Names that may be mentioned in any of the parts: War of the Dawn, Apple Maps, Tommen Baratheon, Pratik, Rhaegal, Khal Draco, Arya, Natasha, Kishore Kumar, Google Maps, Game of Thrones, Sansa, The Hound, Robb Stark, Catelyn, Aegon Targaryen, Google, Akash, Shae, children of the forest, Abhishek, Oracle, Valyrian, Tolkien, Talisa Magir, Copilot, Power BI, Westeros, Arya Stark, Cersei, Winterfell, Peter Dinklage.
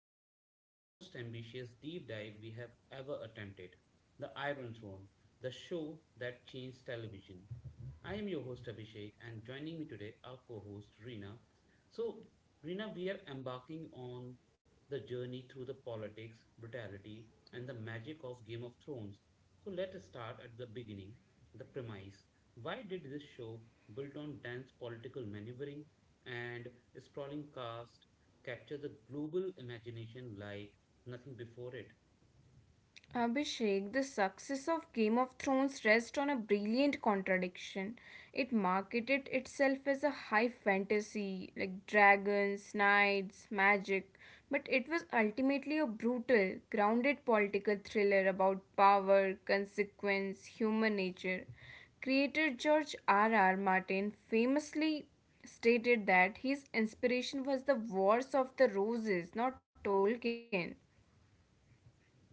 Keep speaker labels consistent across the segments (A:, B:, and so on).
A: greatest, most ambitious deep dive we have ever attempted. The Iron Throne, the show that changed television. I am your host, Abhishek, and joining me today, our co host, Reena. So, Reena, we are embarking on the journey through the politics, brutality, and the magic of Game of Thrones. So, let us start at the beginning, the premise. Why did this show, built on dense political maneuvering and sprawling cast, capture the global imagination like nothing before it?
B: Abhishek, the success of Game of Thrones rests on a brilliant contradiction. It marketed itself as a high fantasy, like dragons, knights, magic, but it was ultimately a brutal, grounded political thriller about power, consequence, human nature. Creator George R. R. Martin famously stated that his inspiration was the Wars of the Roses, not Tolkien.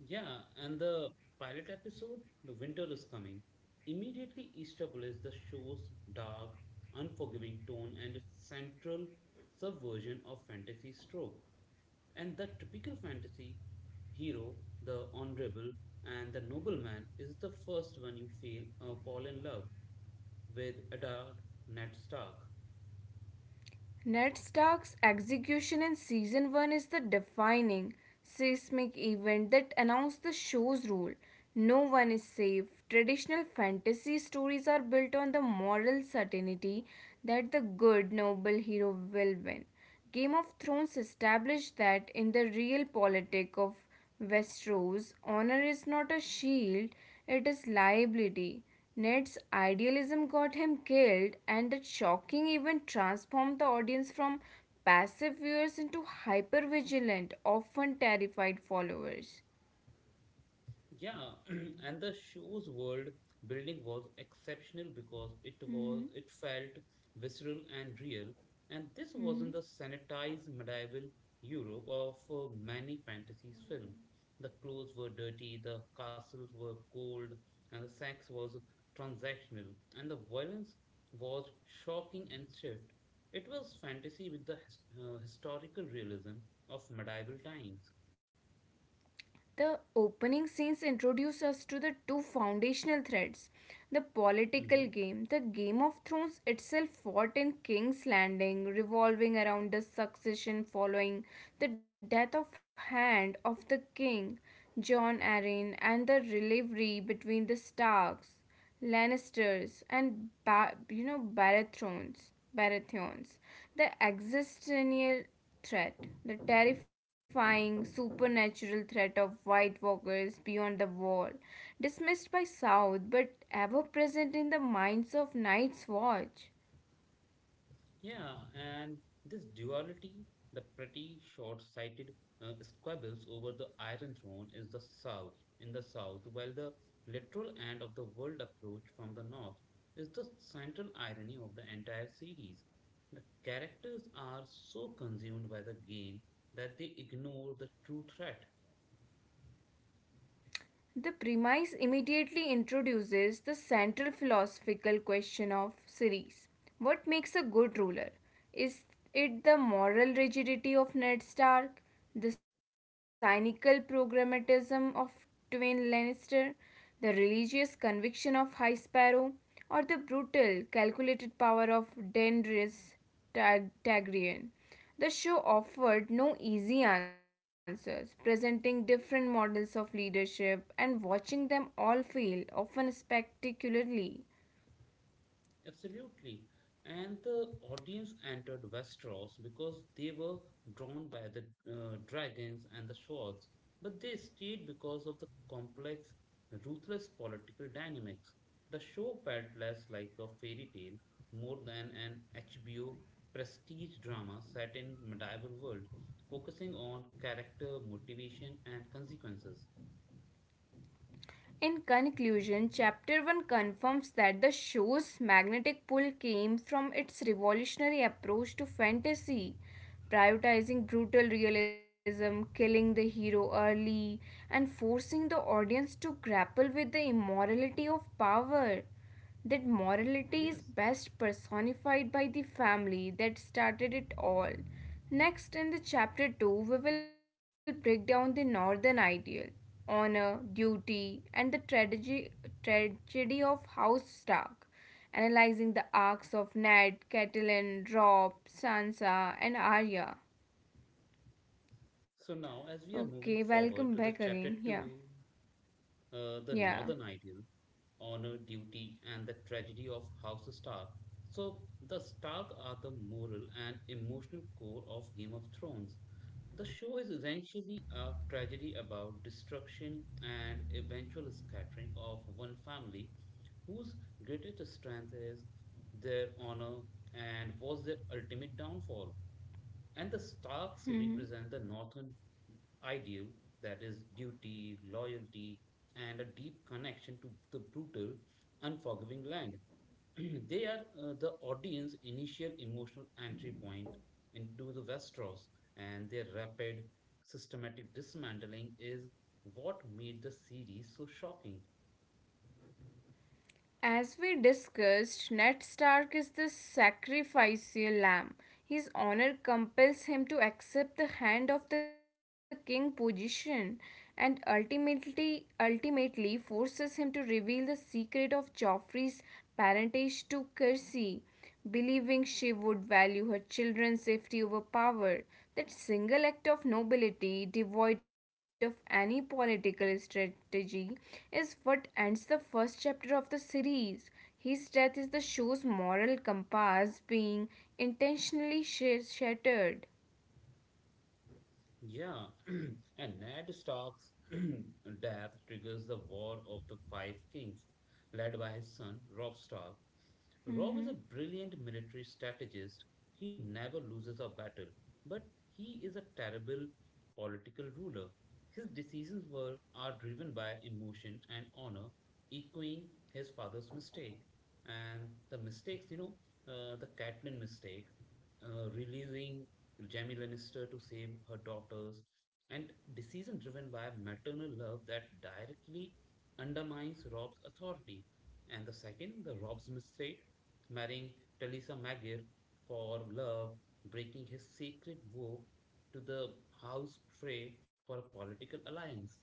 A: Yeah, and the pilot episode, The Winter is Coming, immediately established the show's dark, unforgiving tone and its central subversion of fantasy trope. And the typical fantasy hero, the honorable, and the nobleman is the first one you feel fall in love with Adard Ned Stark.
B: Ned Stark's execution in season 1 is the defining, seismic event that announced the show's rule. No one is safe. Traditional fantasy stories are built on the moral certainty that the good, noble hero will win. Game of Thrones established that in the real politic of Westeros, honor is not a shield, it is liability. Ned's idealism got him killed, and that shocking event transformed the audience from passive viewers into hyper vigilant, often terrified followers.
A: Yeah, and the show's world building was exceptional because it was
B: Mm-hmm.
A: it felt visceral and real, and this wasn't the
B: Mm-hmm.
A: sanitized medieval Europe of many fantasy films. The clothes were dirty, the castles were cold, and the sex was transactional, and the violence was shocking and swift. It was fantasy with the historical realism of medieval times.
B: The opening scenes introduce us to the two foundational threads the political
A: Mm-hmm.
B: game. The Game of Thrones itself fought in King's Landing, revolving around the succession following the death of Hand of the King, Jon Arryn, and the rivalry between the Starks. Lannisters and Baratheons, Baratheons, the existential threat, the terrifying supernatural threat of White Walkers beyond the wall, dismissed by South but ever present in the minds of Night's Watch.
A: Yeah, and this duality, the pretty short-sighted squabbles over the Iron Throne is the South in the South, while the literal end of the world approach from the North is the central irony of the entire series. The characters are so consumed by the game that they ignore the true threat.
B: The premise immediately introduces the central philosophical question of series. What makes a good ruler? Is it the moral rigidity of Ned Stark, the cynical programmatism of Tywin Lannister, the religious conviction of High Sparrow, or the brutal, calculated power of Daenerys Targaryen? The show offered no easy answers, presenting different models of leadership and watching them all fail, often spectacularly.
A: Absolutely. And the audience entered Westeros because they were drawn by the dragons and the swords, but they stayed because of the complex, ruthless political dynamics. The show felt less like a fairy tale, more than an HBO prestige drama set in medieval world, focusing on character, motivation, and consequences.
B: In conclusion, Chapter 1 confirms that the show's magnetic pull came from its revolutionary approach to fantasy, prioritizing brutal realism, killing the hero early, and forcing the audience to grapple with the immorality of power. That morality is
A: Yes.
B: best personified by the family that started it all. Next, in the chapter 2, we will break down the northern ideal honor, duty, and the tragedy of House Stark, analyzing the arcs of Ned, Catelyn, Rob, Sansa, and Arya.
A: So now, as we are moving
B: Okay,
A: forward
B: welcome
A: to the
B: back
A: chapter
B: again. Yeah,
A: two, the Northern
B: yeah.
A: Ideal, honor, duty, and the tragedy of House Stark. So, the Stark are the moral and emotional core of Game of Thrones. The show is essentially a tragedy about destruction and eventual scattering of one family whose greatest strength is their honor and was their ultimate downfall. And the Starks represent
B: hmm
A: the northern ideal, that is, duty, loyalty, and a deep connection to the brutal, unforgiving land. They are the audience's initial emotional entry point into the Westeros, and their rapid, systematic dismantling is what made the series so shocking.
B: As we discussed, Ned Stark is the sacrificial lamb. His honor compels him to accept the hand of the king position and ultimately forces him to reveal the secret of Joffrey's parentage to Cersei believing she would value her children's safety over power. That single act of nobility, devoid of any political strategy, is what ends the first chapter of the series. His death is the show's moral compass being intentionally shattered.
A: Yeah, and Ned Stark's death triggers the War of the Five Kings, led by his son Robb Stark. Rob is a
B: Mhm.
A: brilliant military strategist. He never loses a battle, but he is a terrible political ruler. His decisions were are driven by emotion and honor, echoing his father's mistake. And the mistakes, you know, the Catelyn mistake, releasing Jamie Lannister to save her daughters, and decision driven by maternal love that directly undermines Rob's authority. And the second, the Rob's mistake, marrying Talisa Magir for love, breaking his secret vow to the house Frey for a political alliance.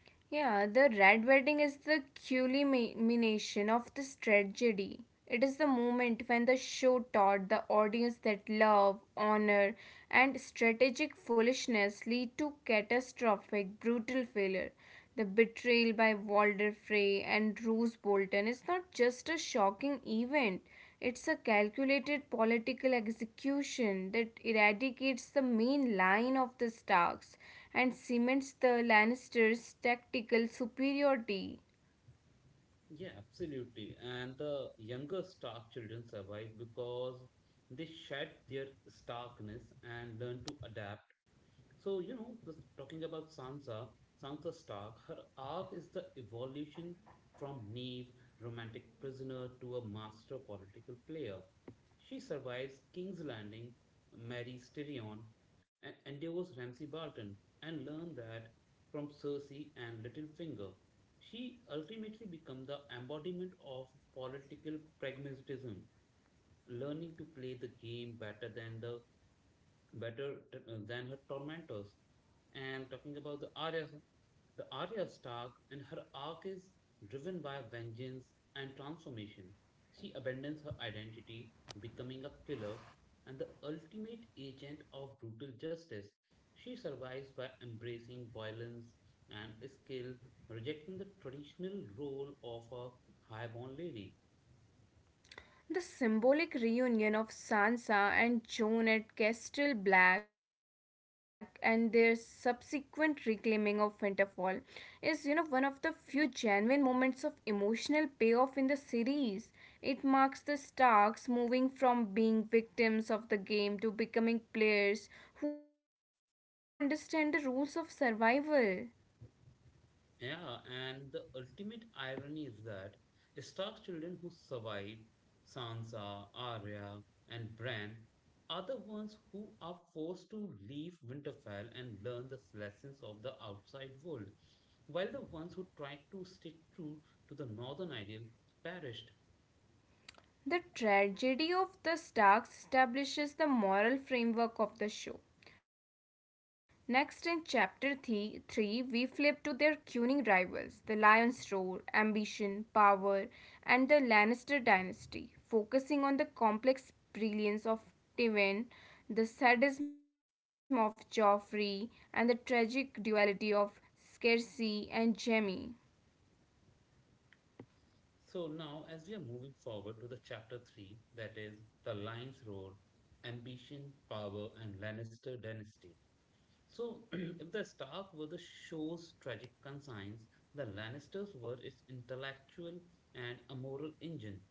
B: Yeah, the Red Wedding is the culmination of this tragedy. It is the moment when the show taught the audience that love, honor, and strategic foolishness lead to catastrophic, brutal failure. The betrayal by Walder Frey and Rose Bolton is not just a shocking event, it's a calculated political execution that eradicates the main line of the Starks and cements the Lannisters' tactical superiority.
A: Yeah, absolutely. And the younger Stark children survive because they shed their starkness and learn to adapt. So, you know, talking about Sansa, Sansa Stark, her arc is the evolution from naive romantic prisoner to a master political player. She survives King's Landing, marries Tyrion, and endures Ramsay Bolton, and learns that from Cersei and Littlefinger. She ultimately becomes the embodiment of political pragmatism, learning to play the game better than the better t- than her tormentors. And talking about the Arya Stark and her arc is driven by vengeance and transformation. She abandons her identity, becoming a killer and the ultimate agent of brutal justice. She survives by embracing violence and skill, rejecting the traditional role of a highborn lady.
B: The symbolic reunion of Sansa and Jon at Castle Black and their subsequent reclaiming of Winterfell is, one of the few genuine moments of emotional payoff in the series. It marks the Starks moving from being victims of the game to becoming players who understand the rules of survival.
A: Yeah, and the ultimate irony is that Stark's children who survive, Sansa, Arya, and Bran, are the ones who are forced to leave Winterfell and learn the lessons of the outside world, while the ones who tried to stay true to the northern ideal perished.
B: The tragedy of the Starks establishes the moral framework of the show. Next, in 3, we flip to their cunning rivals, the Lion's Roar, Ambition, Power, and the Lannister dynasty, focusing on the complex brilliance of Tywin, the sadism of Joffrey, and the tragic duality of Cersei and Jaime.
A: So now, as we are moving forward to the chapter three, that is the Lion's Roar, Ambition, Power, and Lannister Dynasty. So, if the Stark were the show's tragic conscience, the Lannisters were its intellectual and a engine.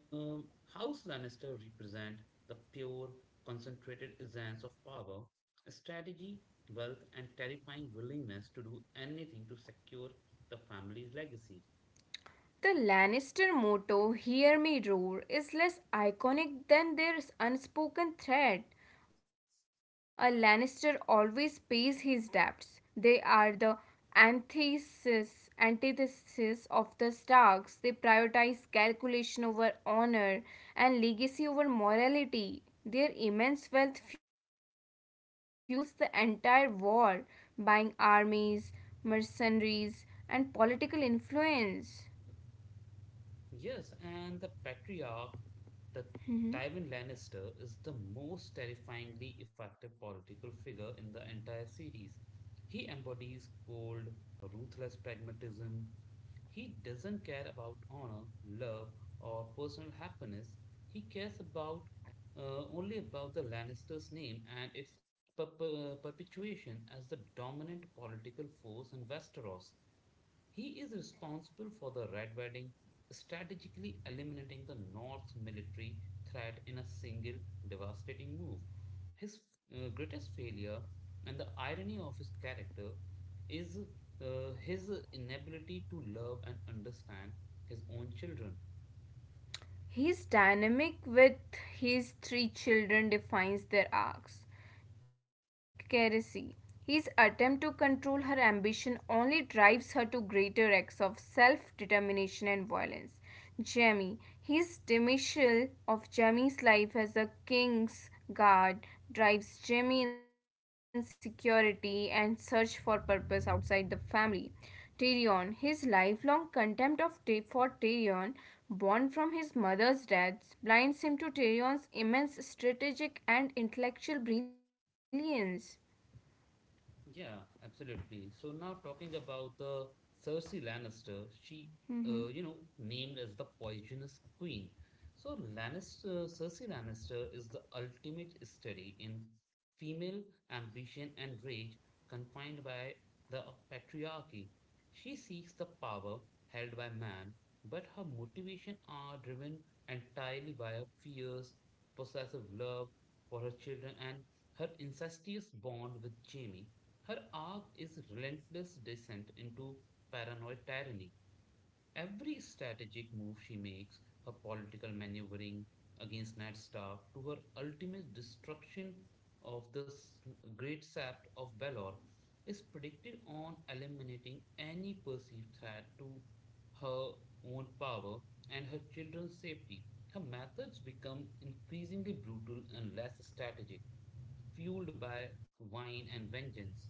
A: Um, House Lannister represent the pure, concentrated essence of power, strategy, wealth, and terrifying willingness to do anything to secure the family's legacy.
B: The Lannister motto, Hear Me Roar, is less iconic than their unspoken threat. A Lannister always pays his debts. They are the antithesis of the Starks. They prioritize calculation over honor and legacy over morality. Their immense wealth fuels the entire war, buying armies, mercenaries, and political influence.
A: Yes, and the patriarch, the
B: Mhm.
A: Tywin Lannister, is the most terrifyingly effective political figure in the entire series. He embodies cold, ruthless pragmatism. He doesn't care about honor, love, or personal happiness. He cares about only about the Lannister's name and its perpetuation as the dominant political force in Westeros. He is responsible for the Red Wedding, strategically eliminating the North's military threat in a single devastating move. His greatest failure and the irony of his character is, his inability to love and understand his own children.
B: His dynamic with his three children defines their arcs. Keresi. His attempt to control her ambition only drives her to greater acts of self determination and violence. Jamie. His dismissal of Jamie's life as a king's guard drives Jamie insecurity and search for purpose outside the family. Tyrion, his lifelong contempt of for Tyrion, born from his mother's death, blinds him to Tyrion's immense strategic and intellectual brilliance.
A: Yeah, absolutely. So now talking about the Cersei Lannister, she, you know,
B: Mm-hmm.
A: named as the poisonous queen. So Lannister, Cersei Lannister is the ultimate study in female ambition and rage confined by the patriarchy. She seeks the power held by man, but her motivation are driven entirely by her fierce, possessive love for her children and her incestuous bond with Jamie. Her arc is relentless descent into paranoid tyranny. Every strategic move she makes, her political maneuvering against Ned Stark, to her ultimate destruction of the great sept of Belor, is predicted on eliminating any perceived threat to her own power and her children's safety. Her methods become increasingly brutal and less strategic, fueled by wine and vengeance.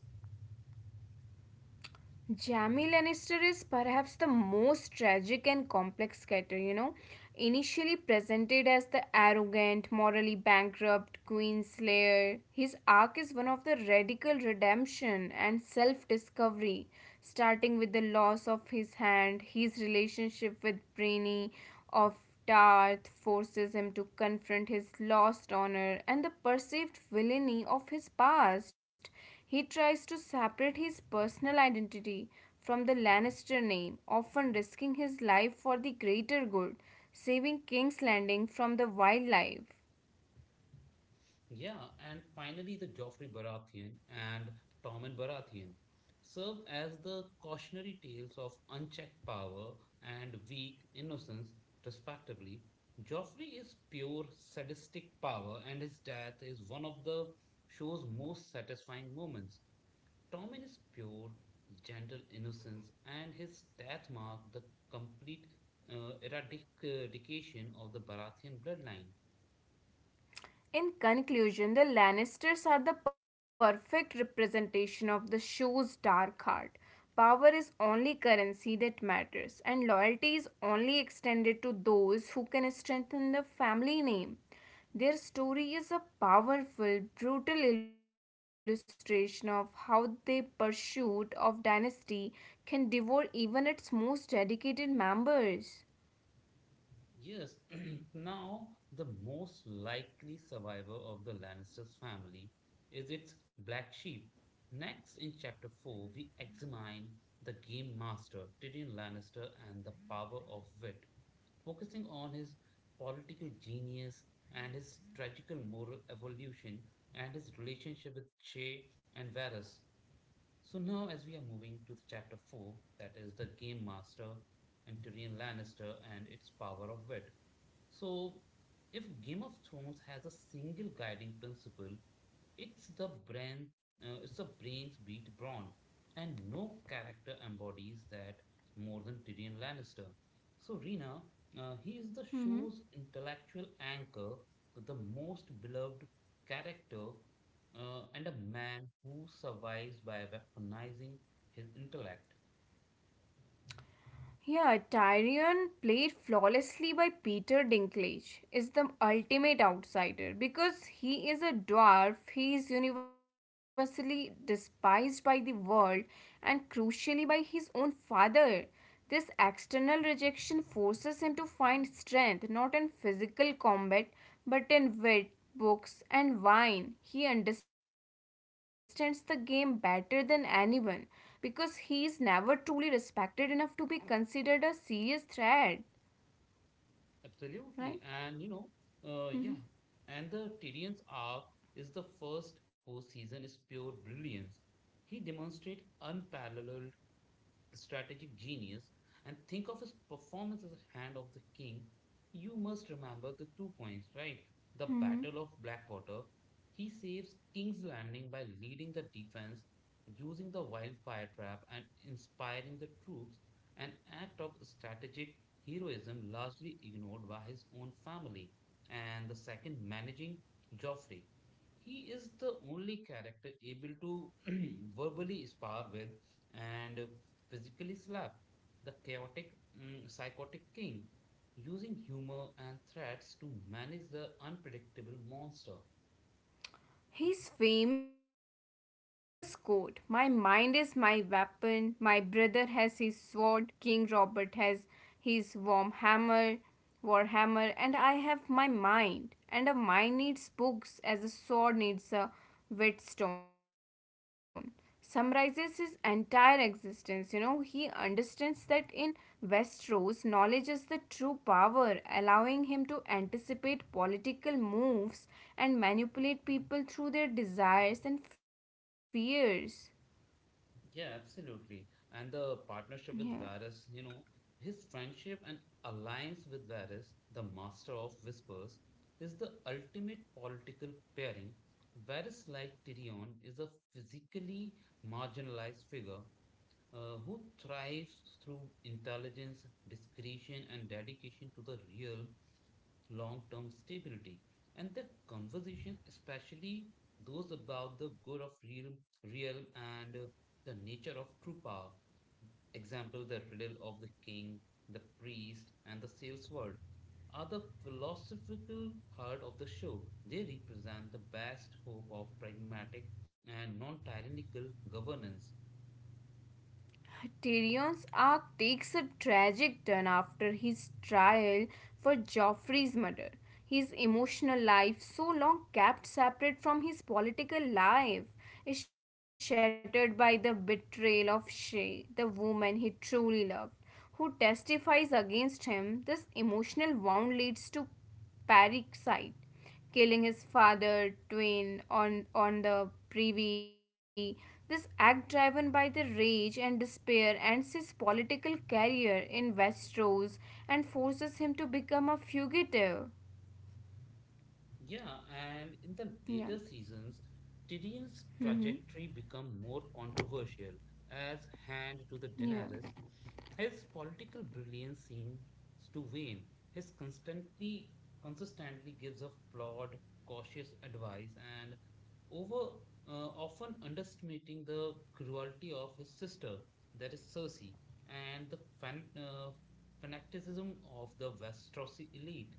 B: Jamie Lannister is perhaps the most tragic and complex character, Initially presented as the arrogant, morally bankrupt Queenslayer, his arc is one of the radical redemption and self discovery, starting with the loss of his hand, his relationship with Brainy, of Darth forces him to confront his lost honor and the perceived villainy of his past. He tries to separate his personal identity from the Lannister name, often risking his life for the greater good, saving King's Landing from the wildlife.
A: Yeah, and finally, the Geoffrey Baratheon and Tommen Baratheon serve as the cautionary tales of unchecked power and weak innocence, respectively. Joffrey is pure sadistic power, and his death is one of the show's most satisfying moments. Tommen is pure, gentle innocence, and his death marked the complete eradication of the Baratheon bloodline.
B: In conclusion, the Lannisters are the perfect representation of the show's dark heart. Power is only currency that matters, and loyalty is only extended to those who can strengthen the family name. Their story is a powerful, brutal illustration of how the pursuit of dynasty can devour even its most dedicated members.
A: Yes, now the most likely survivor of the Lannisters family is its black sheep. Next, in chapter 4, we examine the game master, Tyrion Lannister, and the power of wit, focusing on his political genius and his tragical moral evolution and his relationship with Che and Varys. So now, as we are moving to chapter 4, that is the Game Master and Tyrion Lannister and its power of wit. So, if Game of Thrones has a single guiding principle, it's it's the brains beat brawn, and no character embodies that more than Tyrion Lannister. So, Rina, he is the
B: Mhm.
A: show's intellectual anchor, the most beloved character and a man who survives by weaponizing his intellect.
B: Yeah, Tyrion, played flawlessly by Peter Dinklage, is the ultimate outsider because he is a dwarf, he is universally despised by the world and crucially by his own father. This external rejection forces him to find strength not in physical combat but in wit, books, and wine. He understands the game better than anyone because he is never truly respected enough to be considered a serious threat, right?
A: Absolutely. And, you know,
B: Mhm,
A: yeah. And the Tyrion's arc is the first whole season is pure brilliance. He demonstrates unparalleled strategic genius, and think of his performance as a hand of the king, you must remember the two points, right? The
B: mhm.
A: Battle of Blackwater. He saves King's Landing by leading the defense, using the wildfire trap, and inspiring the troops, an act of strategic heroism largely ignored by his own family. And the second, managing Joffrey. He is the only character able to verbally spar with and physically slap the chaotic, psychotic king, using humor and threats to manage the unpredictable monster.
B: His famous quote, my mind is my weapon, my brother has his sword, King Robert has his war hammer, and I have my mind. And a mind needs books as a sword needs a whetstone. Summarizes his entire existence. He understands that in Westeros, knowledge is the true power, allowing him to anticipate political moves and manipulate people through their desires and fears.
A: Yeah, absolutely. And the
B: Yeah.
A: partnership with Varys, you know, his friendship and alliance with Varys, the master of whispers, is the ultimate political pairing. Varys, like Tyrion, is a physically marginalized figure who thrives through intelligence, discretion, and dedication to the real long term stability. And the conversation, especially those about the good of real and the nature of true power, example, the riddle of the king, the priest, and the sales word, are the philosophical heart of the show. They represent the best hope of pragmatic and non tyrannical governance.
B: Tyrion's arc takes a tragic turn after his trial for Joffrey's murder. His emotional life, so long kept separate from his political life, is shattered by the betrayal of Shay, the woman he truly loved, who testifies against him. This emotional wound leads to parricide killing his father, Twain, on the privy. This act, driven by the rage and despair, ends his political career in Westeros and forces him to become a fugitive.
A: Yeah, and in the
B: Yeah.
A: later seasons, Tyrion's
B: Mm-hmm.
A: trajectory became more controversial as hand to the
B: Yeah.
A: Daenerys. His political brilliance seems to wane. His constantly consistently gives a flawed, cautious advice and over often underestimating the cruelty of his sister, that is Cersei, and the fanaticism of the Westerosi elite.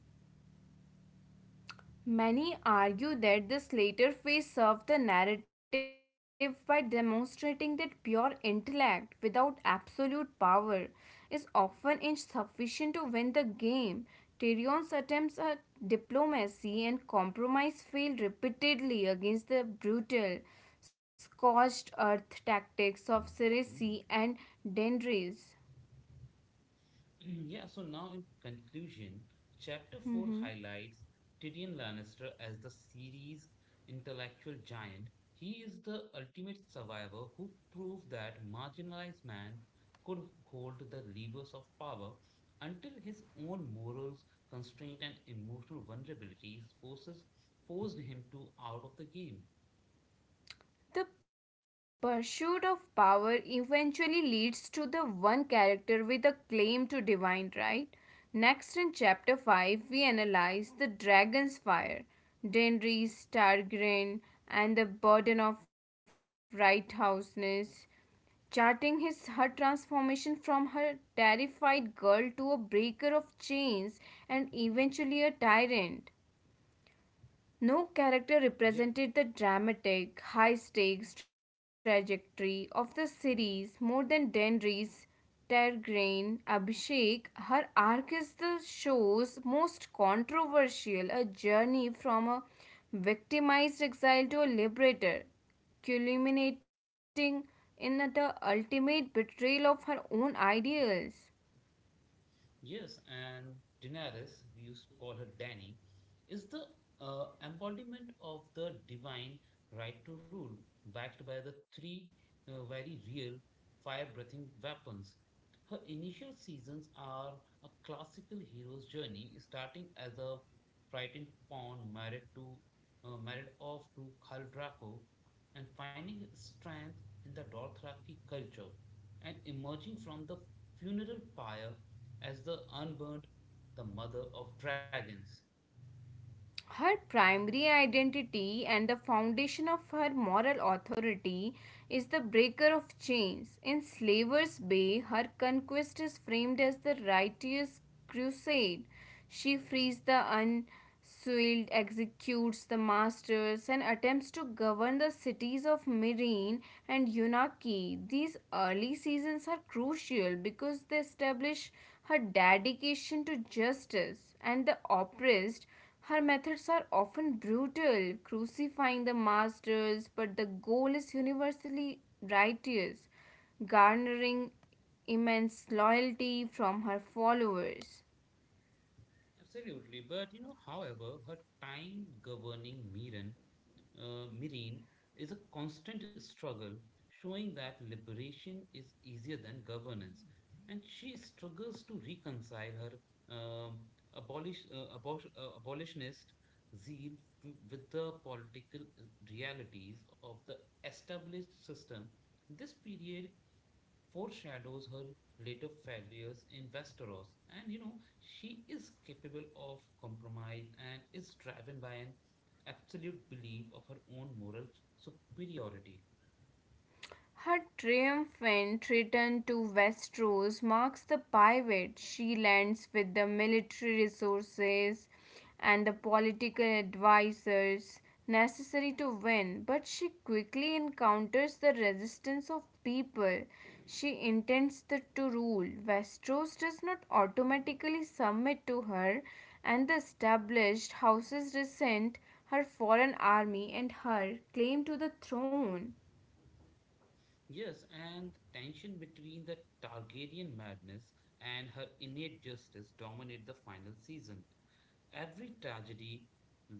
B: Many argue that this later phase served the narrative by demonstrating that pure intellect without absolute power is often insufficient to win the game. Tyrion's attempts at diplomacy and compromise failed repeatedly against the brutal scorched earth tactics of Cersei and Daenerys.
A: Yeah, so now in conclusion, chapter 4
B: Mm-hmm.
A: highlights Tyrion Lannister as the series' intellectual giant. He is the ultimate survivor who proved that marginalized man could hold the levers of power until his own morals, constraint, and emotional vulnerabilities forces forced him to out of the game.
B: The pursuit of power eventually leads to the one character with a claim to divine right. Next, in chapter 5, we analyze the dragon's fire, Denry's Targaryen, and the burden of righteousness, charting his her transformation from her terrified girl to a breaker of chains and eventually a tyrant. No character
A: Yeah.
B: represented the dramatic, high stakes trajectory of the series more than Denry's Targaryen Abhishek. Her arc is the show's most controversial a journey from a victimized exile to a liberator, culminating in the ultimate betrayal of her own ideals.
A: Yes, and Daenerys, we used to call her Dany, is the embodiment of the divine right to rule, backed by the three very real fire-breathing weapons. Her initial seasons are a classical hero's journey, starting as a frightened pawn married off to Khal Draco, and finding strength in the Dothraki culture, and emerging from the funeral pyre as the unburned, the mother of dragons.
B: Her primary identity and the foundation of her moral authority is the breaker of chains. In Slaver's Bay, her conquest is framed as the righteous crusade. She frees the unswilled, executes the masters, and attempts to govern the cities of Mirene and Yunaki. These early seasons are crucial because they establish her dedication to justice and the oppressed her methods are often brutal, crucifying the masters, but the goal is universally righteous, garnering immense loyalty from her followers.
A: Absolutely. However, her time governing Mirin is a constant struggle, showing that liberation is easier than governance. And she struggles to reconcile her abolitionist zeal with the political realities of the established system. This period foreshadows her later failures in Westeros. And she is capable of compromise and is driven by an absolute belief of her own moral superiority.
B: Her triumphant return to Westeros marks the pivot she lands with the military resources and the political advisors necessary to win, but she quickly encounters the resistance of people she to rule. Westeros does not automatically submit to her, and the established houses resent her foreign army and her claim to the throne.
A: Yes, and tension between the Targaryen madness and her innate justice dominate the final season. Every tragedy,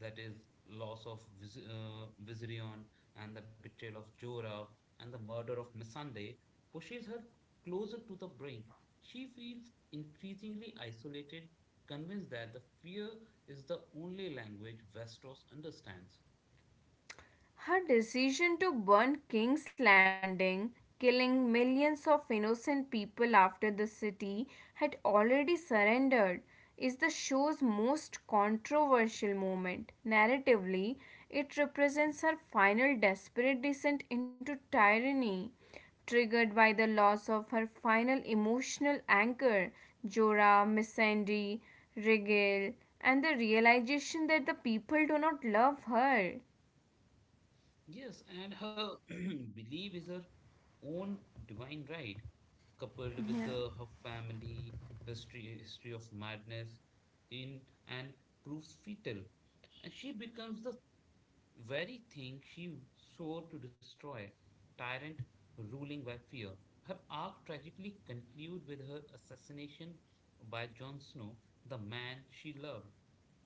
A: that is, loss of Vizirion, and the betrayal of Jorah, and the murder of Missandei, pushes her closer to the brink. She feels increasingly isolated, convinced that the fear is the only language Westeros understands.
B: Her decision to burn King's Landing, killing millions of innocent people after the city had already surrendered, is the show's most controversial moment. Narratively, it represents her final desperate descent into tyranny, triggered by the loss of her final emotional anchor, Jorah, Missandei, Rigel, and the realization that the people do not love her.
A: Yes, and her belief is her own divine right, coupled
B: Yeah.
A: with the her family history of madness in and proves fatal. And she becomes the very thing she swore to destroy, tyrant ruling by fear. Her arc tragically concludes with her assassination by Jon Snow, the man she loved.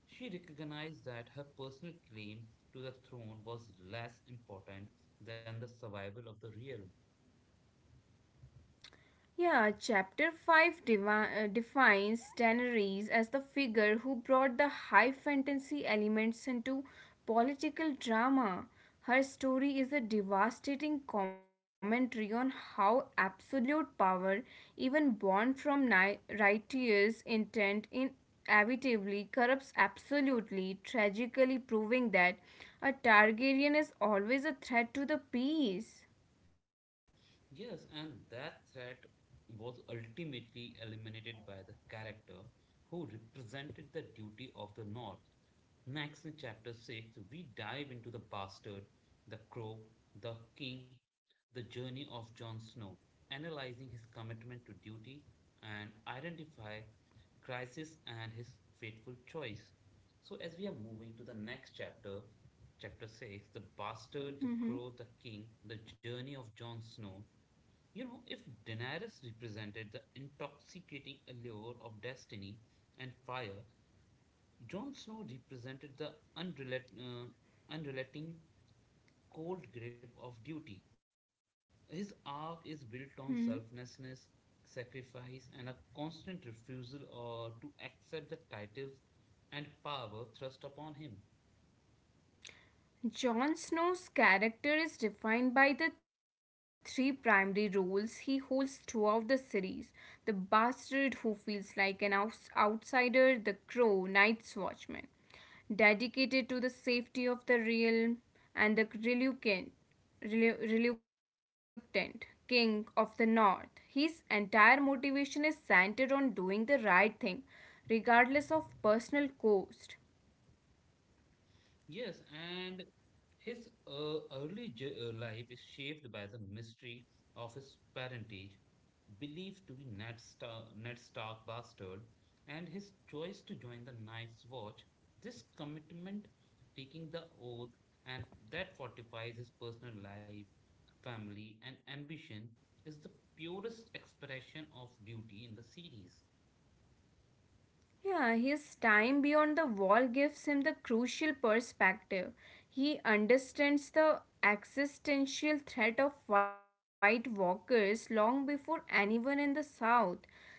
A: She recognized that her personal claim to the throne was less important than the survival of the realm.
B: Yeah, chapter 5 defines Daenerys as the figure who brought the high fantasy elements into political drama. Her story is a devastating commentary on how absolute power, even born from righteous intent, inevitably corrupts absolutely, tragically proving that a Targaryen is always a threat to the peace.
A: Yes, and that threat was ultimately eliminated by the character who represented the duty of the North. Next, in chapter 6, we dive into the bastard, the crow, the king, the journey of Jon Snow, analyzing his commitment to duty and identify crisis and his fateful choice. So, as we are moving to the next chapter, chapter 6, the bastard, the
B: hmm
A: crow, the king, the journey of Jon Snow, if Daenerys represented the intoxicating allure of destiny and fire, Jon Snow represented the unrelat- uh, unrelenting cold grip of duty. His arc is built on selflessness, sacrifice, and a constant refusal or to accept the titles and power thrust upon him.
B: Jon Snow's character is defined by the three primary roles he holds throughout the series the bastard who feels like an outsider, the crow, night's watchman, dedicated to the safety of the realm, and the reluctant king of the north. His entire motivation is centered on doing the right thing, regardless of personal cost.
A: Yes, and his early life is shaped by the mystery of his parentage, believed to be Ned Stark bastard, and his choice to join the Night's Watch. This commitment, taking the oath, and that fortifies his personal life, family, and ambition, is the purest expression of duty in the series.
B: Yeah, his time beyond the wall gives him the crucial perspective. He understands the existential threat of white walkers long before anyone in the South.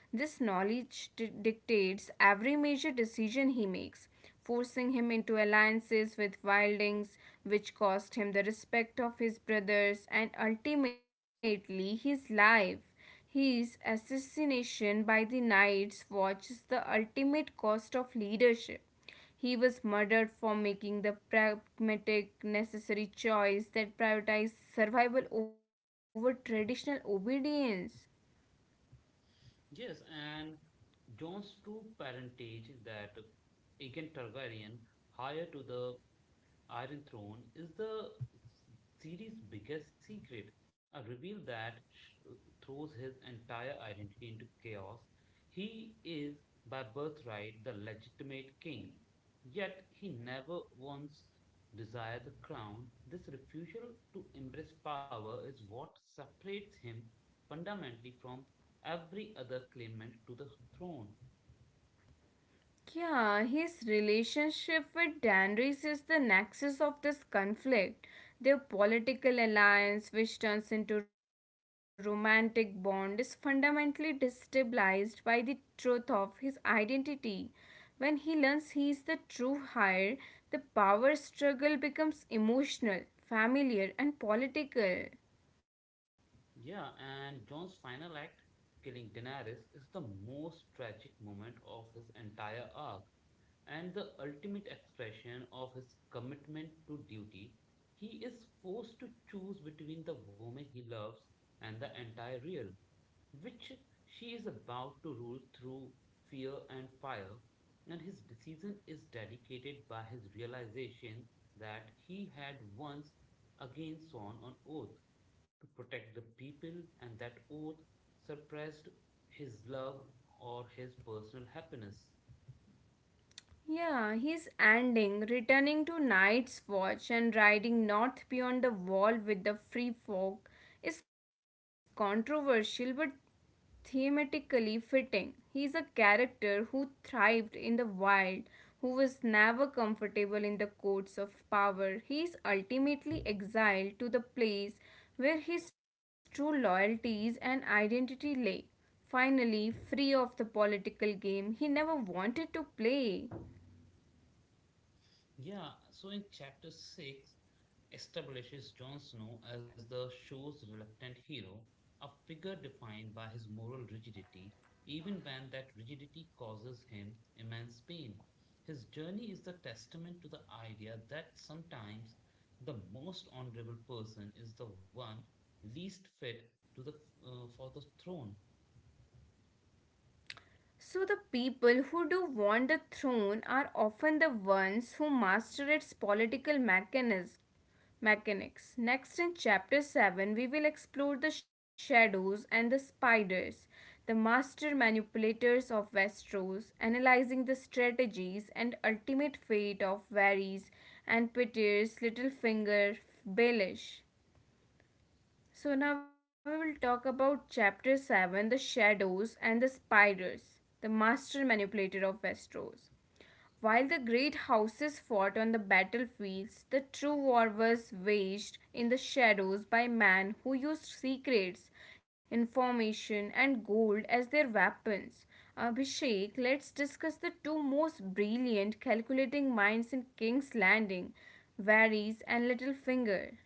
B: This knowledge dictates every major decision he makes, forcing him into alliances with wildings, which cost him the respect of his brothers and ultimately his life. His assassination by the Knights Watch is the ultimate cost of leadership. He was murdered for making the pragmatic, necessary choice that prioritized survival over traditional obedience.
A: Yes, and John's true parentage, that Aegon Targaryen higher to the Iron Throne, is the series' biggest secret, a reveal that throws his entire identity into chaos. He is, by birthright, the legitimate king, yet he never once desired the crown. This refusal to embrace power is what separates him fundamentally from every other claimant to the throne.
B: Yeah, his relationship with Danris is the nexus of this conflict. Their political alliance, which turns into romantic bond, is fundamentally destabilized by the truth of his identity. When he learns he is the true heir, the power struggle becomes emotional, familiar, and political.
A: Yeah, and John's final act, killing Daenerys, is the most tragic moment of his entire arc and the ultimate expression of his commitment to duty. He is forced to choose between the woman he loves and the entire real, which she is about to rule through fear and fire, and his decision is dedicated by his realization that he had once again sworn on oath to protect the people, and that oath suppressed his love or his personal happiness.
B: Yeah, he's ending, returning to Night's Watch and riding north beyond the wall with the free folk is controversial but thematically fitting. He's a character who thrived in the wild, who was never comfortable in the courts of power. He is ultimately exiled to the place where his true loyalties and identity lay. Finally, free of the political game he never wanted to play.
A: Yeah, so in chapter 6 establishes Jon Snow as the show's reluctant hero, a figure defined by his moral rigidity, even when that rigidity causes him immense pain. His journey is the testament to the idea that sometimes the most honorable person is the one least fit to the for the throne.
B: So, the people who do want the throne are often the ones who master its political mechanics. Mechanics. Next, in chapter 7, we will explore the shadows and the spiders, the master manipulators of Westeros, analyzing the strategies and ultimate fate of Varys and Peter's Littlefinger Baelish. So now we will talk about chapter 7, the shadows and the spiders, the master manipulator of Westeros. While the great houses fought on the battlefields, the true war was waged in the shadows by men who used secrets, information, and gold as their weapons. Abhishek, let's discuss the two most brilliant calculating minds in King's Landing, Varys and Littlefinger.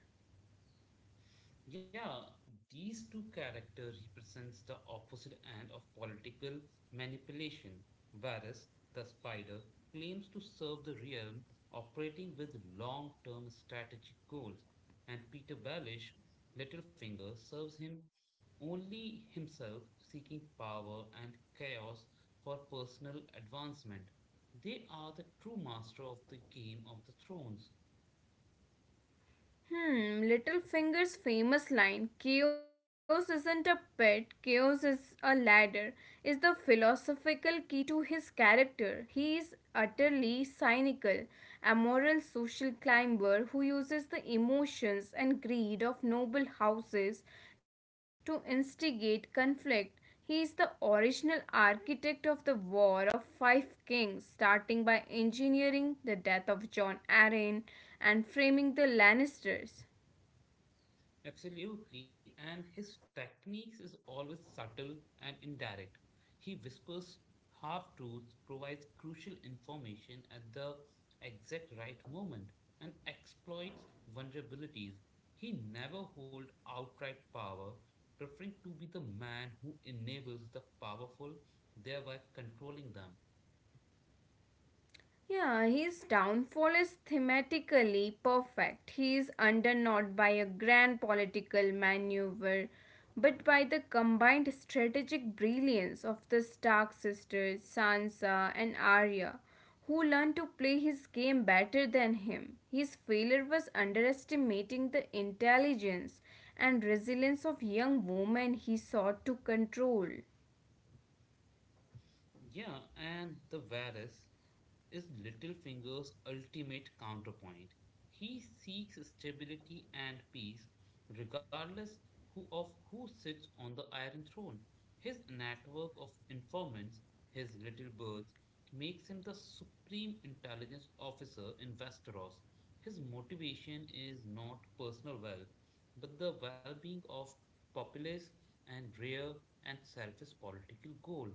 A: Yeah, these two characters represents the opposite end of political manipulation, whereas the spider claims to serve the realm operating with long-term strategic goals, and Peter Baelish, Littlefinger, serves him only himself seeking power and chaos for personal advancement. They are the true master of the Game of the Thrones.
B: Hmm, Littlefinger's famous line, chaos isn't a pet, chaos is a ladder, is the philosophical key to his character. He is utterly cynical, a moral social climber who uses the emotions and greed of noble houses to instigate conflict. He is the original architect of the War of Five Kings, starting by engineering the death of Jon Arryn and framing the Lannisters.
A: Absolutely. And his techniques is always subtle and indirect. He whispers half truths, provides crucial information at the exact right moment, and exploits vulnerabilities. He never holds outright power, preferring to be the man who enables the powerful, thereby controlling them.
B: Yeah, his downfall is thematically perfect. He is undone not by a grand political maneuver, but by the combined strategic brilliance of the Stark sisters, Sansa, and Arya, who learned to play his game better than him. His failure was underestimating the intelligence and resilience of young women he sought to control.
A: Yeah, and the Varus is Littlefinger's ultimate counterpoint. He seeks stability and peace, regardless who sits on the Iron Throne. His network of informants, his little birds, makes him the supreme intelligence officer in Westeros. His motivation is not personal wealth, but the well being of populace and rare and selfish political goal.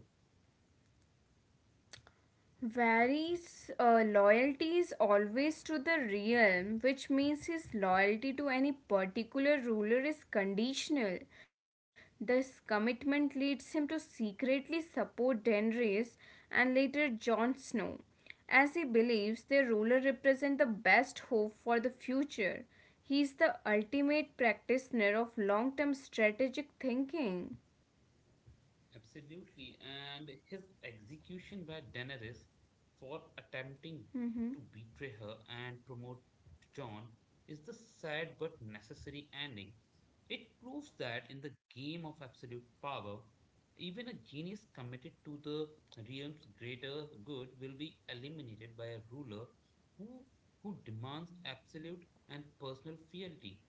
B: Vary's loyalty is always to the realm, which means his loyalty to any particular ruler is conditional. This commitment leads him to secretly support Daenerys and later Jon Snow, as he believes their ruler represent the best hope for the future. He is the ultimate practitioner of long-term strategic thinking.
A: Absolutely. And his execution by Daenerys for attempting
B: Mhm.
A: to betray her and promote John is the sad but necessary ending. It proves that in the game of absolute power, even a genius committed to the realm's greater good will be eliminated by a ruler who, who demands absolute and personal fealty.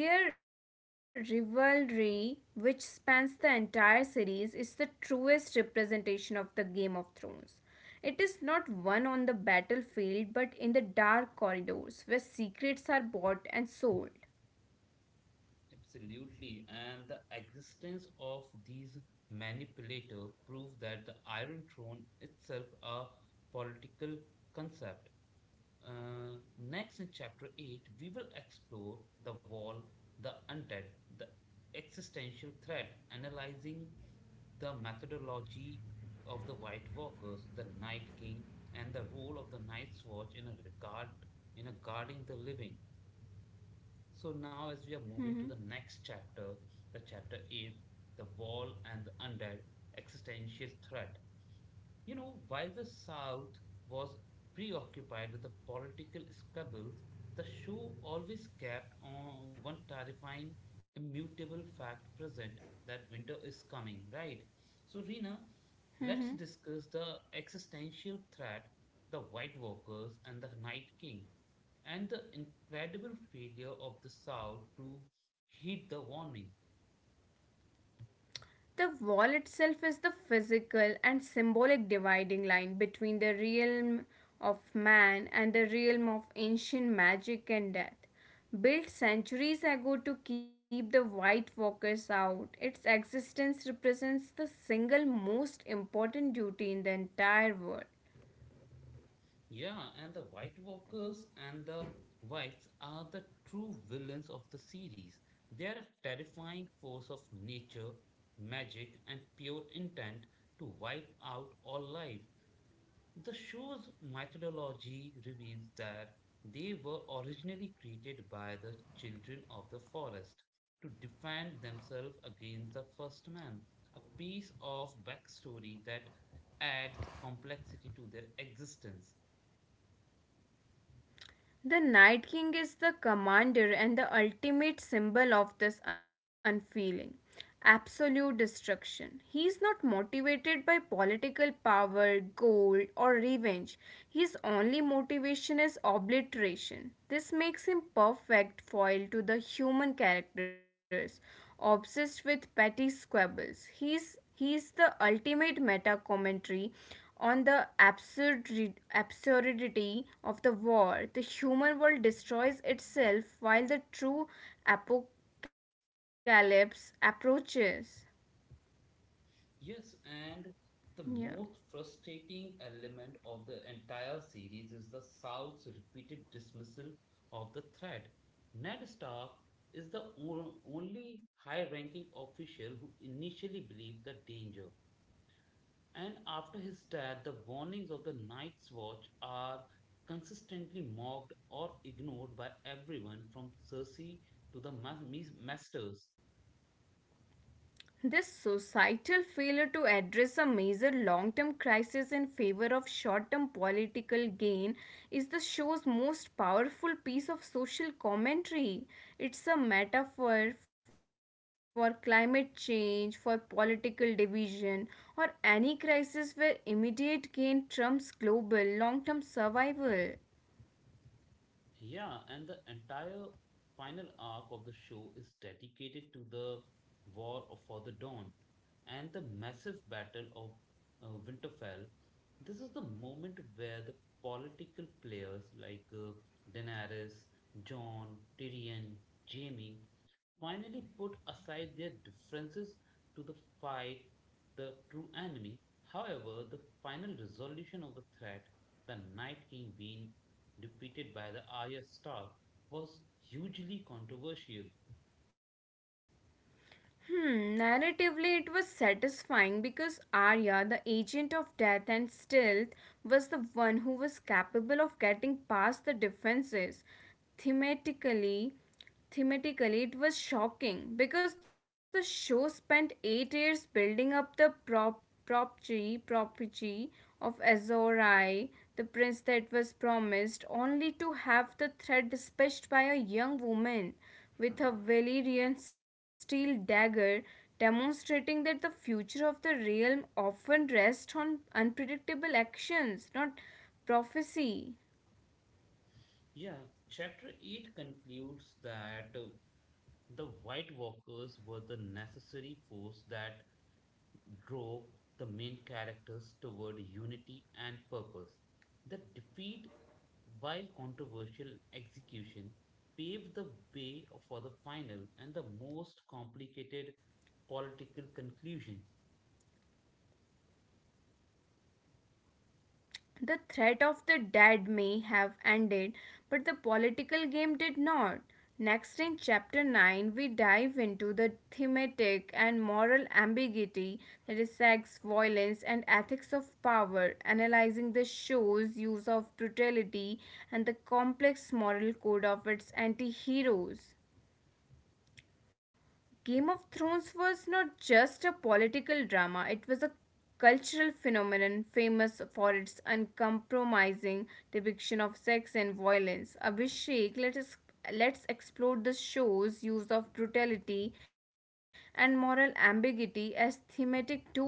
B: Their rivalry, which spans the entire series, is the truest representation of the Game of Thrones. It is not won on the battlefield but in the dark corridors where secrets are bought and sold.
A: Absolutely. And the existence of these manipulators prove that the Iron Throne itself a political concept. Next, in chapter 8, we will explore the wall, the undead, the existential threat, analyzing the methodology of the White Walkers, the Night King, and the role of the Night's Watch in a guarding the living. So now, as we are moving to the next
B: Mm-hmm.
A: chapter, the chapter 8, the wall and the undead existential threat. You know, while the South was preoccupied with the political squabbles, the show always kept on one terrifying, immutable fact present, that winter is coming, right? So, Rina, let's
B: Mm-hmm.
A: discuss the existential threat, the White Walkers, and the Night King, and the incredible failure of the South to heed the warning.
B: The wall itself is the physical and symbolic dividing line between the realm of man and the realm of ancient magic and death. Built centuries ago to keep the white walkers out, its existence represents the single most important duty in the entire world.
A: Yeah, and the White Walkers and the Whites are the true villains of the series. They are a terrifying force of nature, magic, and pure intent to wipe out all life. The show's mythology reveals that they were originally created by the children of the forest to defend themselves against the first man, a piece of backstory that adds complexity to their existence.
B: The Night King is the commander and the ultimate symbol of this unfeeling, absolute destruction. He is not motivated by political power, gold, or revenge. His only motivation is obliteration. This makes him perfect foil to the human characters, obsessed with petty squabbles. He is the ultimate meta commentary on the absurdity of the war. The human world destroys itself while the true apocalypse approaches.
A: Yes, and the most
B: Yeah.
A: frustrating element of the entire series is the South's repeated dismissal of the threat. Ned Stark is the only high ranking official who initially believed the danger. And after his death, the warnings of the Night's Watch are consistently mocked or ignored by everyone from Cersei to the Masters.
B: This societal failure to address a major long term crisis in favor of short term political gain is the show's most powerful piece of social commentary. It's a metaphor for climate change, for political division, or any crisis where immediate gain trumps global long term survival.
A: Yeah, and the entire final arc of the show is dedicated to the War for the Dawn and the massive battle of Winterfell. This is the moment where the political players, like Daenerys, Jon, Tyrion, Jaime, finally put aside their differences to the fight the true enemy. However, the final resolution of the threat, the Night King being defeated by the Arya Stark, was hugely controversial.
B: Hmm, narratively, it was satisfying because Arya, the agent of death and stealth, was the one who was capable of getting past the defenses. Thematically, thematically, it was shocking because the show spent 8 years building up the property of Azorai, the prince that was promised, only to have the threat dispatched by a young woman with a Valyrian steel dagger, demonstrating that the future of the realm often rests on unpredictable actions, not prophecy.
A: Yeah, chapter 8 concludes that the White Walkers were the necessary force that drove the main characters toward unity and purpose. The defeat, while controversial execution, paved the way for the final and the most complicated political conclusion.
B: The threat of the dead may have ended, but the political game did not. Next, in chapter 9, we dive into the thematic and moral ambiguity that is sex, violence, and ethics of power, analyzing the show's use of brutality and the complex moral code of its anti heroes. Game of Thrones was not just a political drama, it was a cultural phenomenon famous for its uncompromising depiction of sex and violence. Abhishek, let's explore the show's use of brutality and moral ambiguity as thematic tools.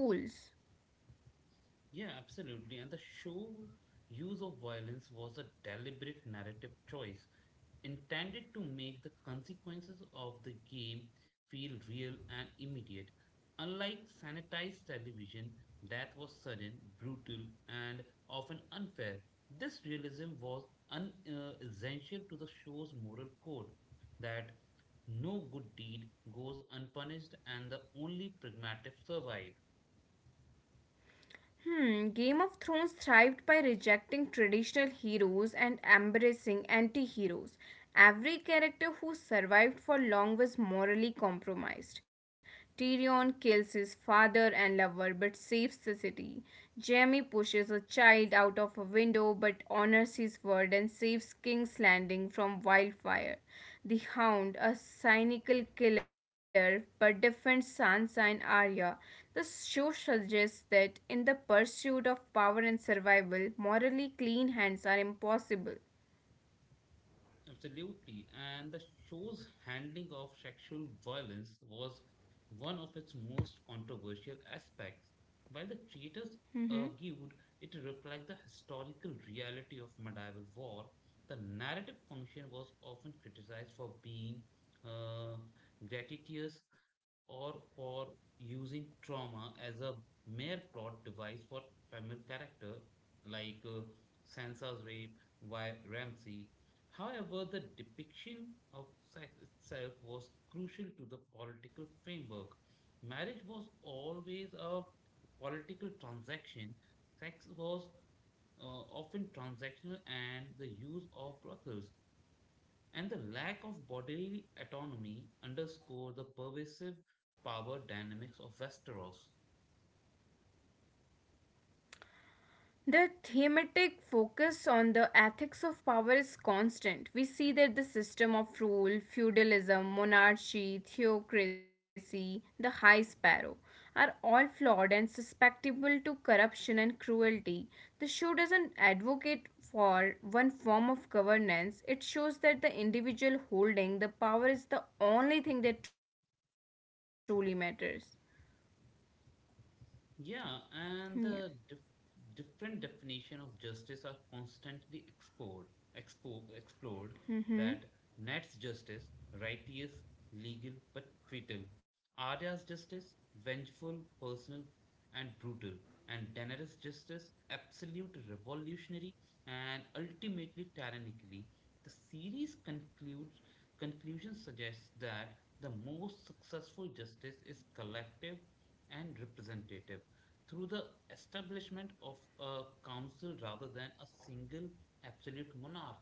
A: Yeah, absolutely. And the show's use of violence was a deliberate narrative choice intended to make the consequences of the game feel real and immediate. Unlike sanitized television that was sudden, brutal, and often unfair, this realism was essential to the show's moral code that no good deed goes unpunished and the only pragmatic survive.
B: Hmm, Game of Thrones thrived by rejecting traditional heroes and embracing anti heroes. Every character who survived for long was morally compromised. Tyrion kills his father and lover but saves the city. Jaime pushes a child out of a window but honors his word and saves King's Landing from wildfire. The Hound, a cynical killer but defends Sansa and Arya. The show suggests that in the pursuit of power and survival, morally clean hands are impossible.
A: Absolutely. And the show's handling of sexual violence was one of its most controversial aspects. While the creators argued it reflects the historical reality of medieval war, the narrative function was often criticized for being uh, gratuitous or for using trauma as a mere plot device for female character, like Sansa's rape by Ramsay. However, the depiction of sex itself was crucial to the political framework. Marriage was always a political transaction. Sex was often transactional, and the use of brothels and the lack of bodily autonomy underscore the pervasive power dynamics of Westeros.
B: The thematic focus on the ethics of power is constant. We see that the system of rule, feudalism, monarchy, theocracy, the high sparrow are all flawed and susceptible to corruption and cruelty. The show doesn't advocate for one form of governance, it shows that the individual holding the power is the only thing that truly matters.
A: Yeah,
B: Yeah.
A: and the different definition of justice are constantly explored,
B: Mm-hmm.
A: that Nat's justice, righteous, legal, but fatal. Arya's justice, vengeful, personal, and brutal. And Daenerys' justice, absolute, revolutionary, and ultimately tyrannically. The conclusion suggests that the most successful justice is collective and representative through the establishment of a council rather than a single absolute monarch.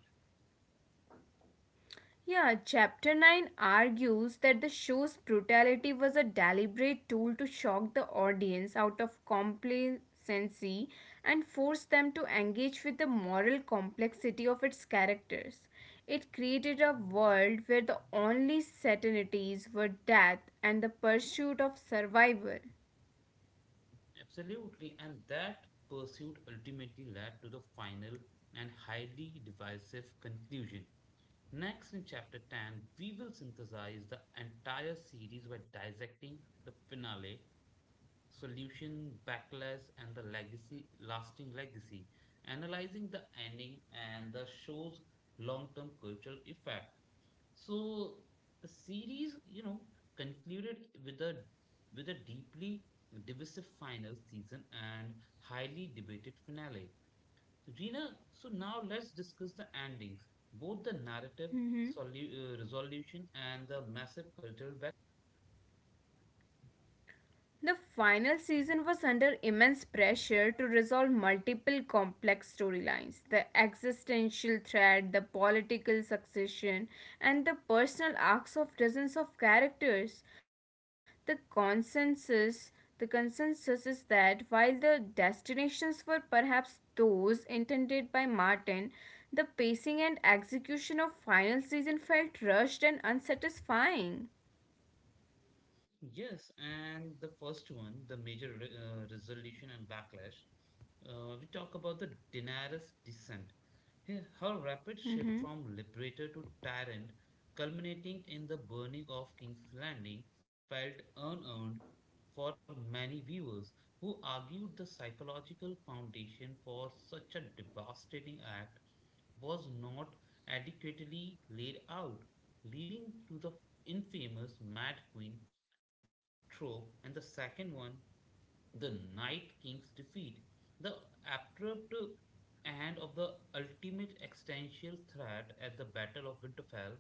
B: Yeah, Chapter 9 argues that the show's brutality was a deliberate tool to shock the audience out of complacency and force them to engage with the moral complexity of its characters. It created a world where the only certainties were death and the pursuit of survival.
A: Absolutely, and that pursuit ultimately led to the final and highly divisive conclusion. Next, in chapter 10, we will synthesize the entire series by dissecting the finale, solution, backlash, and the lasting legacy, analyzing the ending and the show's long term cultural effect. So the series, you know, concluded with a deeply divisive final season and highly debated finale. Rina, so now let's discuss the endings, both the narrative
B: Mhm.
A: resolution and the massive cultural.
B: The final season was under immense pressure to resolve multiple complex storylines the existential threat, the political succession, and the personal arcs of dozens of characters. The consensus the consensus is that while the destinations were perhaps those intended by Martin, the pacing and execution of final season felt rushed and unsatisfying.
A: Yes, and the first one, the major resolution and backlash, we talk about the Daenerys descent. Her rapid shift from liberator to tyrant, culminating in the burning of King's Landing, felt unearned for many viewers who argued the psychological foundation for such a devastating act was not adequately laid out, leading to the infamous Mad Queen trope. And the second one, the Night King's defeat, the abrupt end of the ultimate existential threat at the Battle of Winterfell,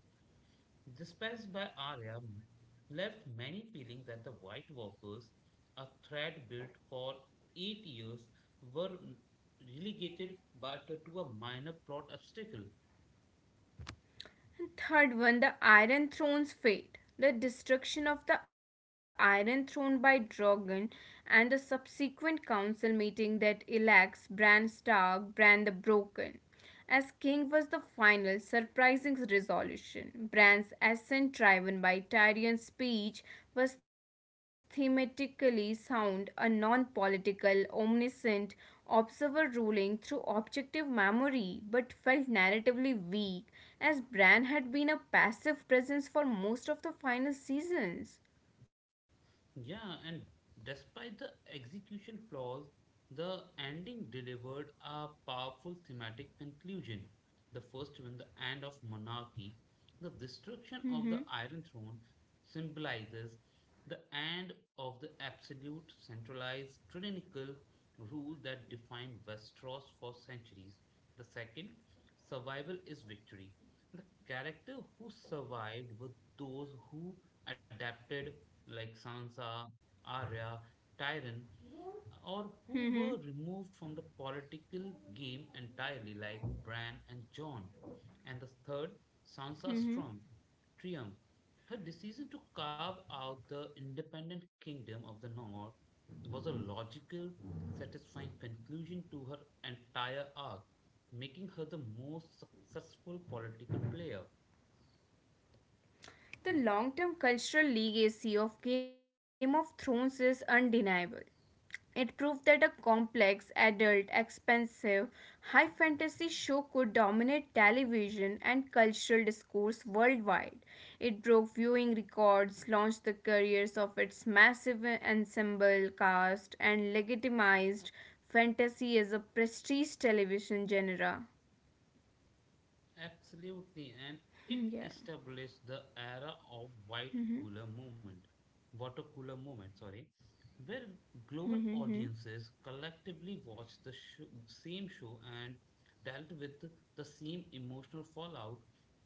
A: dispatched by Arya, left many feeling that the White Walkers, a threat built for 8 years, were relegated but to a minor plot obstacle.
B: And third one, the Iron Throne's fate. The destruction of the Iron Throne by Drogon and the subsequent council meeting that elects Bran Stark, Bran the Broken. As king was the final surprising resolution. Bran's ascent driven by Tyrion's speech was thematically sound, a non-political, omniscient observer ruling through objective memory but felt narratively weak as Bran had been a passive presence for most of the final seasons.
A: Yeah, and despite the execution flaws, the ending delivered a powerful thematic conclusion. The first one, the end of monarchy, the destruction of the
B: Hmm.
A: Iron Throne symbolizes the end of the absolute, centralized, tyrannical rule that defined Westeros for centuries. The second, survival is victory. The character who survived were those who adapted, like Sansa, Arya, Tyrion, or
B: Hmm.
A: who were removed from the political game entirely, like Bran and John. And the third, Sansa
B: Hmm.
A: Storm, Triumph. Her decision to carve out the independent kingdom of the North was a logical, satisfying conclusion to her entire arc, making her the most successful political player.
B: The long term cultural legacy of Game of Thrones is undeniable. It proved that a complex, adult, expensive, high fantasy show could dominate television and cultural discourse worldwide. It broke viewing records, launched the careers of its massive ensemble cast, and legitimized fantasy as a prestige television genre.
A: Absolutely, and it
B: Yeah.
A: established the era of
B: Mm-hmm.
A: water cooler movement, sorry, where global
B: Mm-hmm.
A: audiences collectively watched the sho same show and dealt with the same emotional fallout,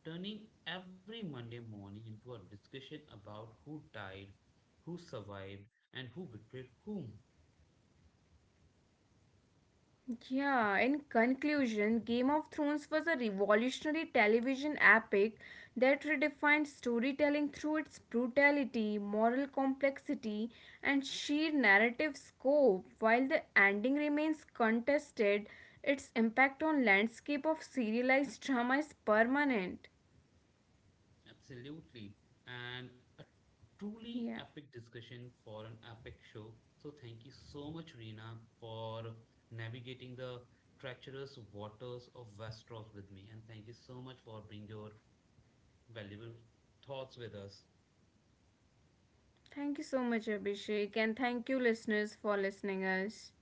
A: turning every Monday morning into a discussion about who died, who survived, and who betrayed whom.
B: Yeah, in conclusion, Game of Thrones was a revolutionary television epic that redefined storytelling through its brutality, moral complexity, and sheer narrative scope. While the ending remains contested, its impact on landscape of serialized drama is permanent.
A: Absolutely. And a truly
B: Yeah.
A: epic discussion for an epic show. So thank you so much, Reena, for navigating the treacherous waters of Westeros with me. And thank you so much for bringing your valuable thoughts with us.
B: Thank you so much, Abhishek, and thank you listeners for listening us.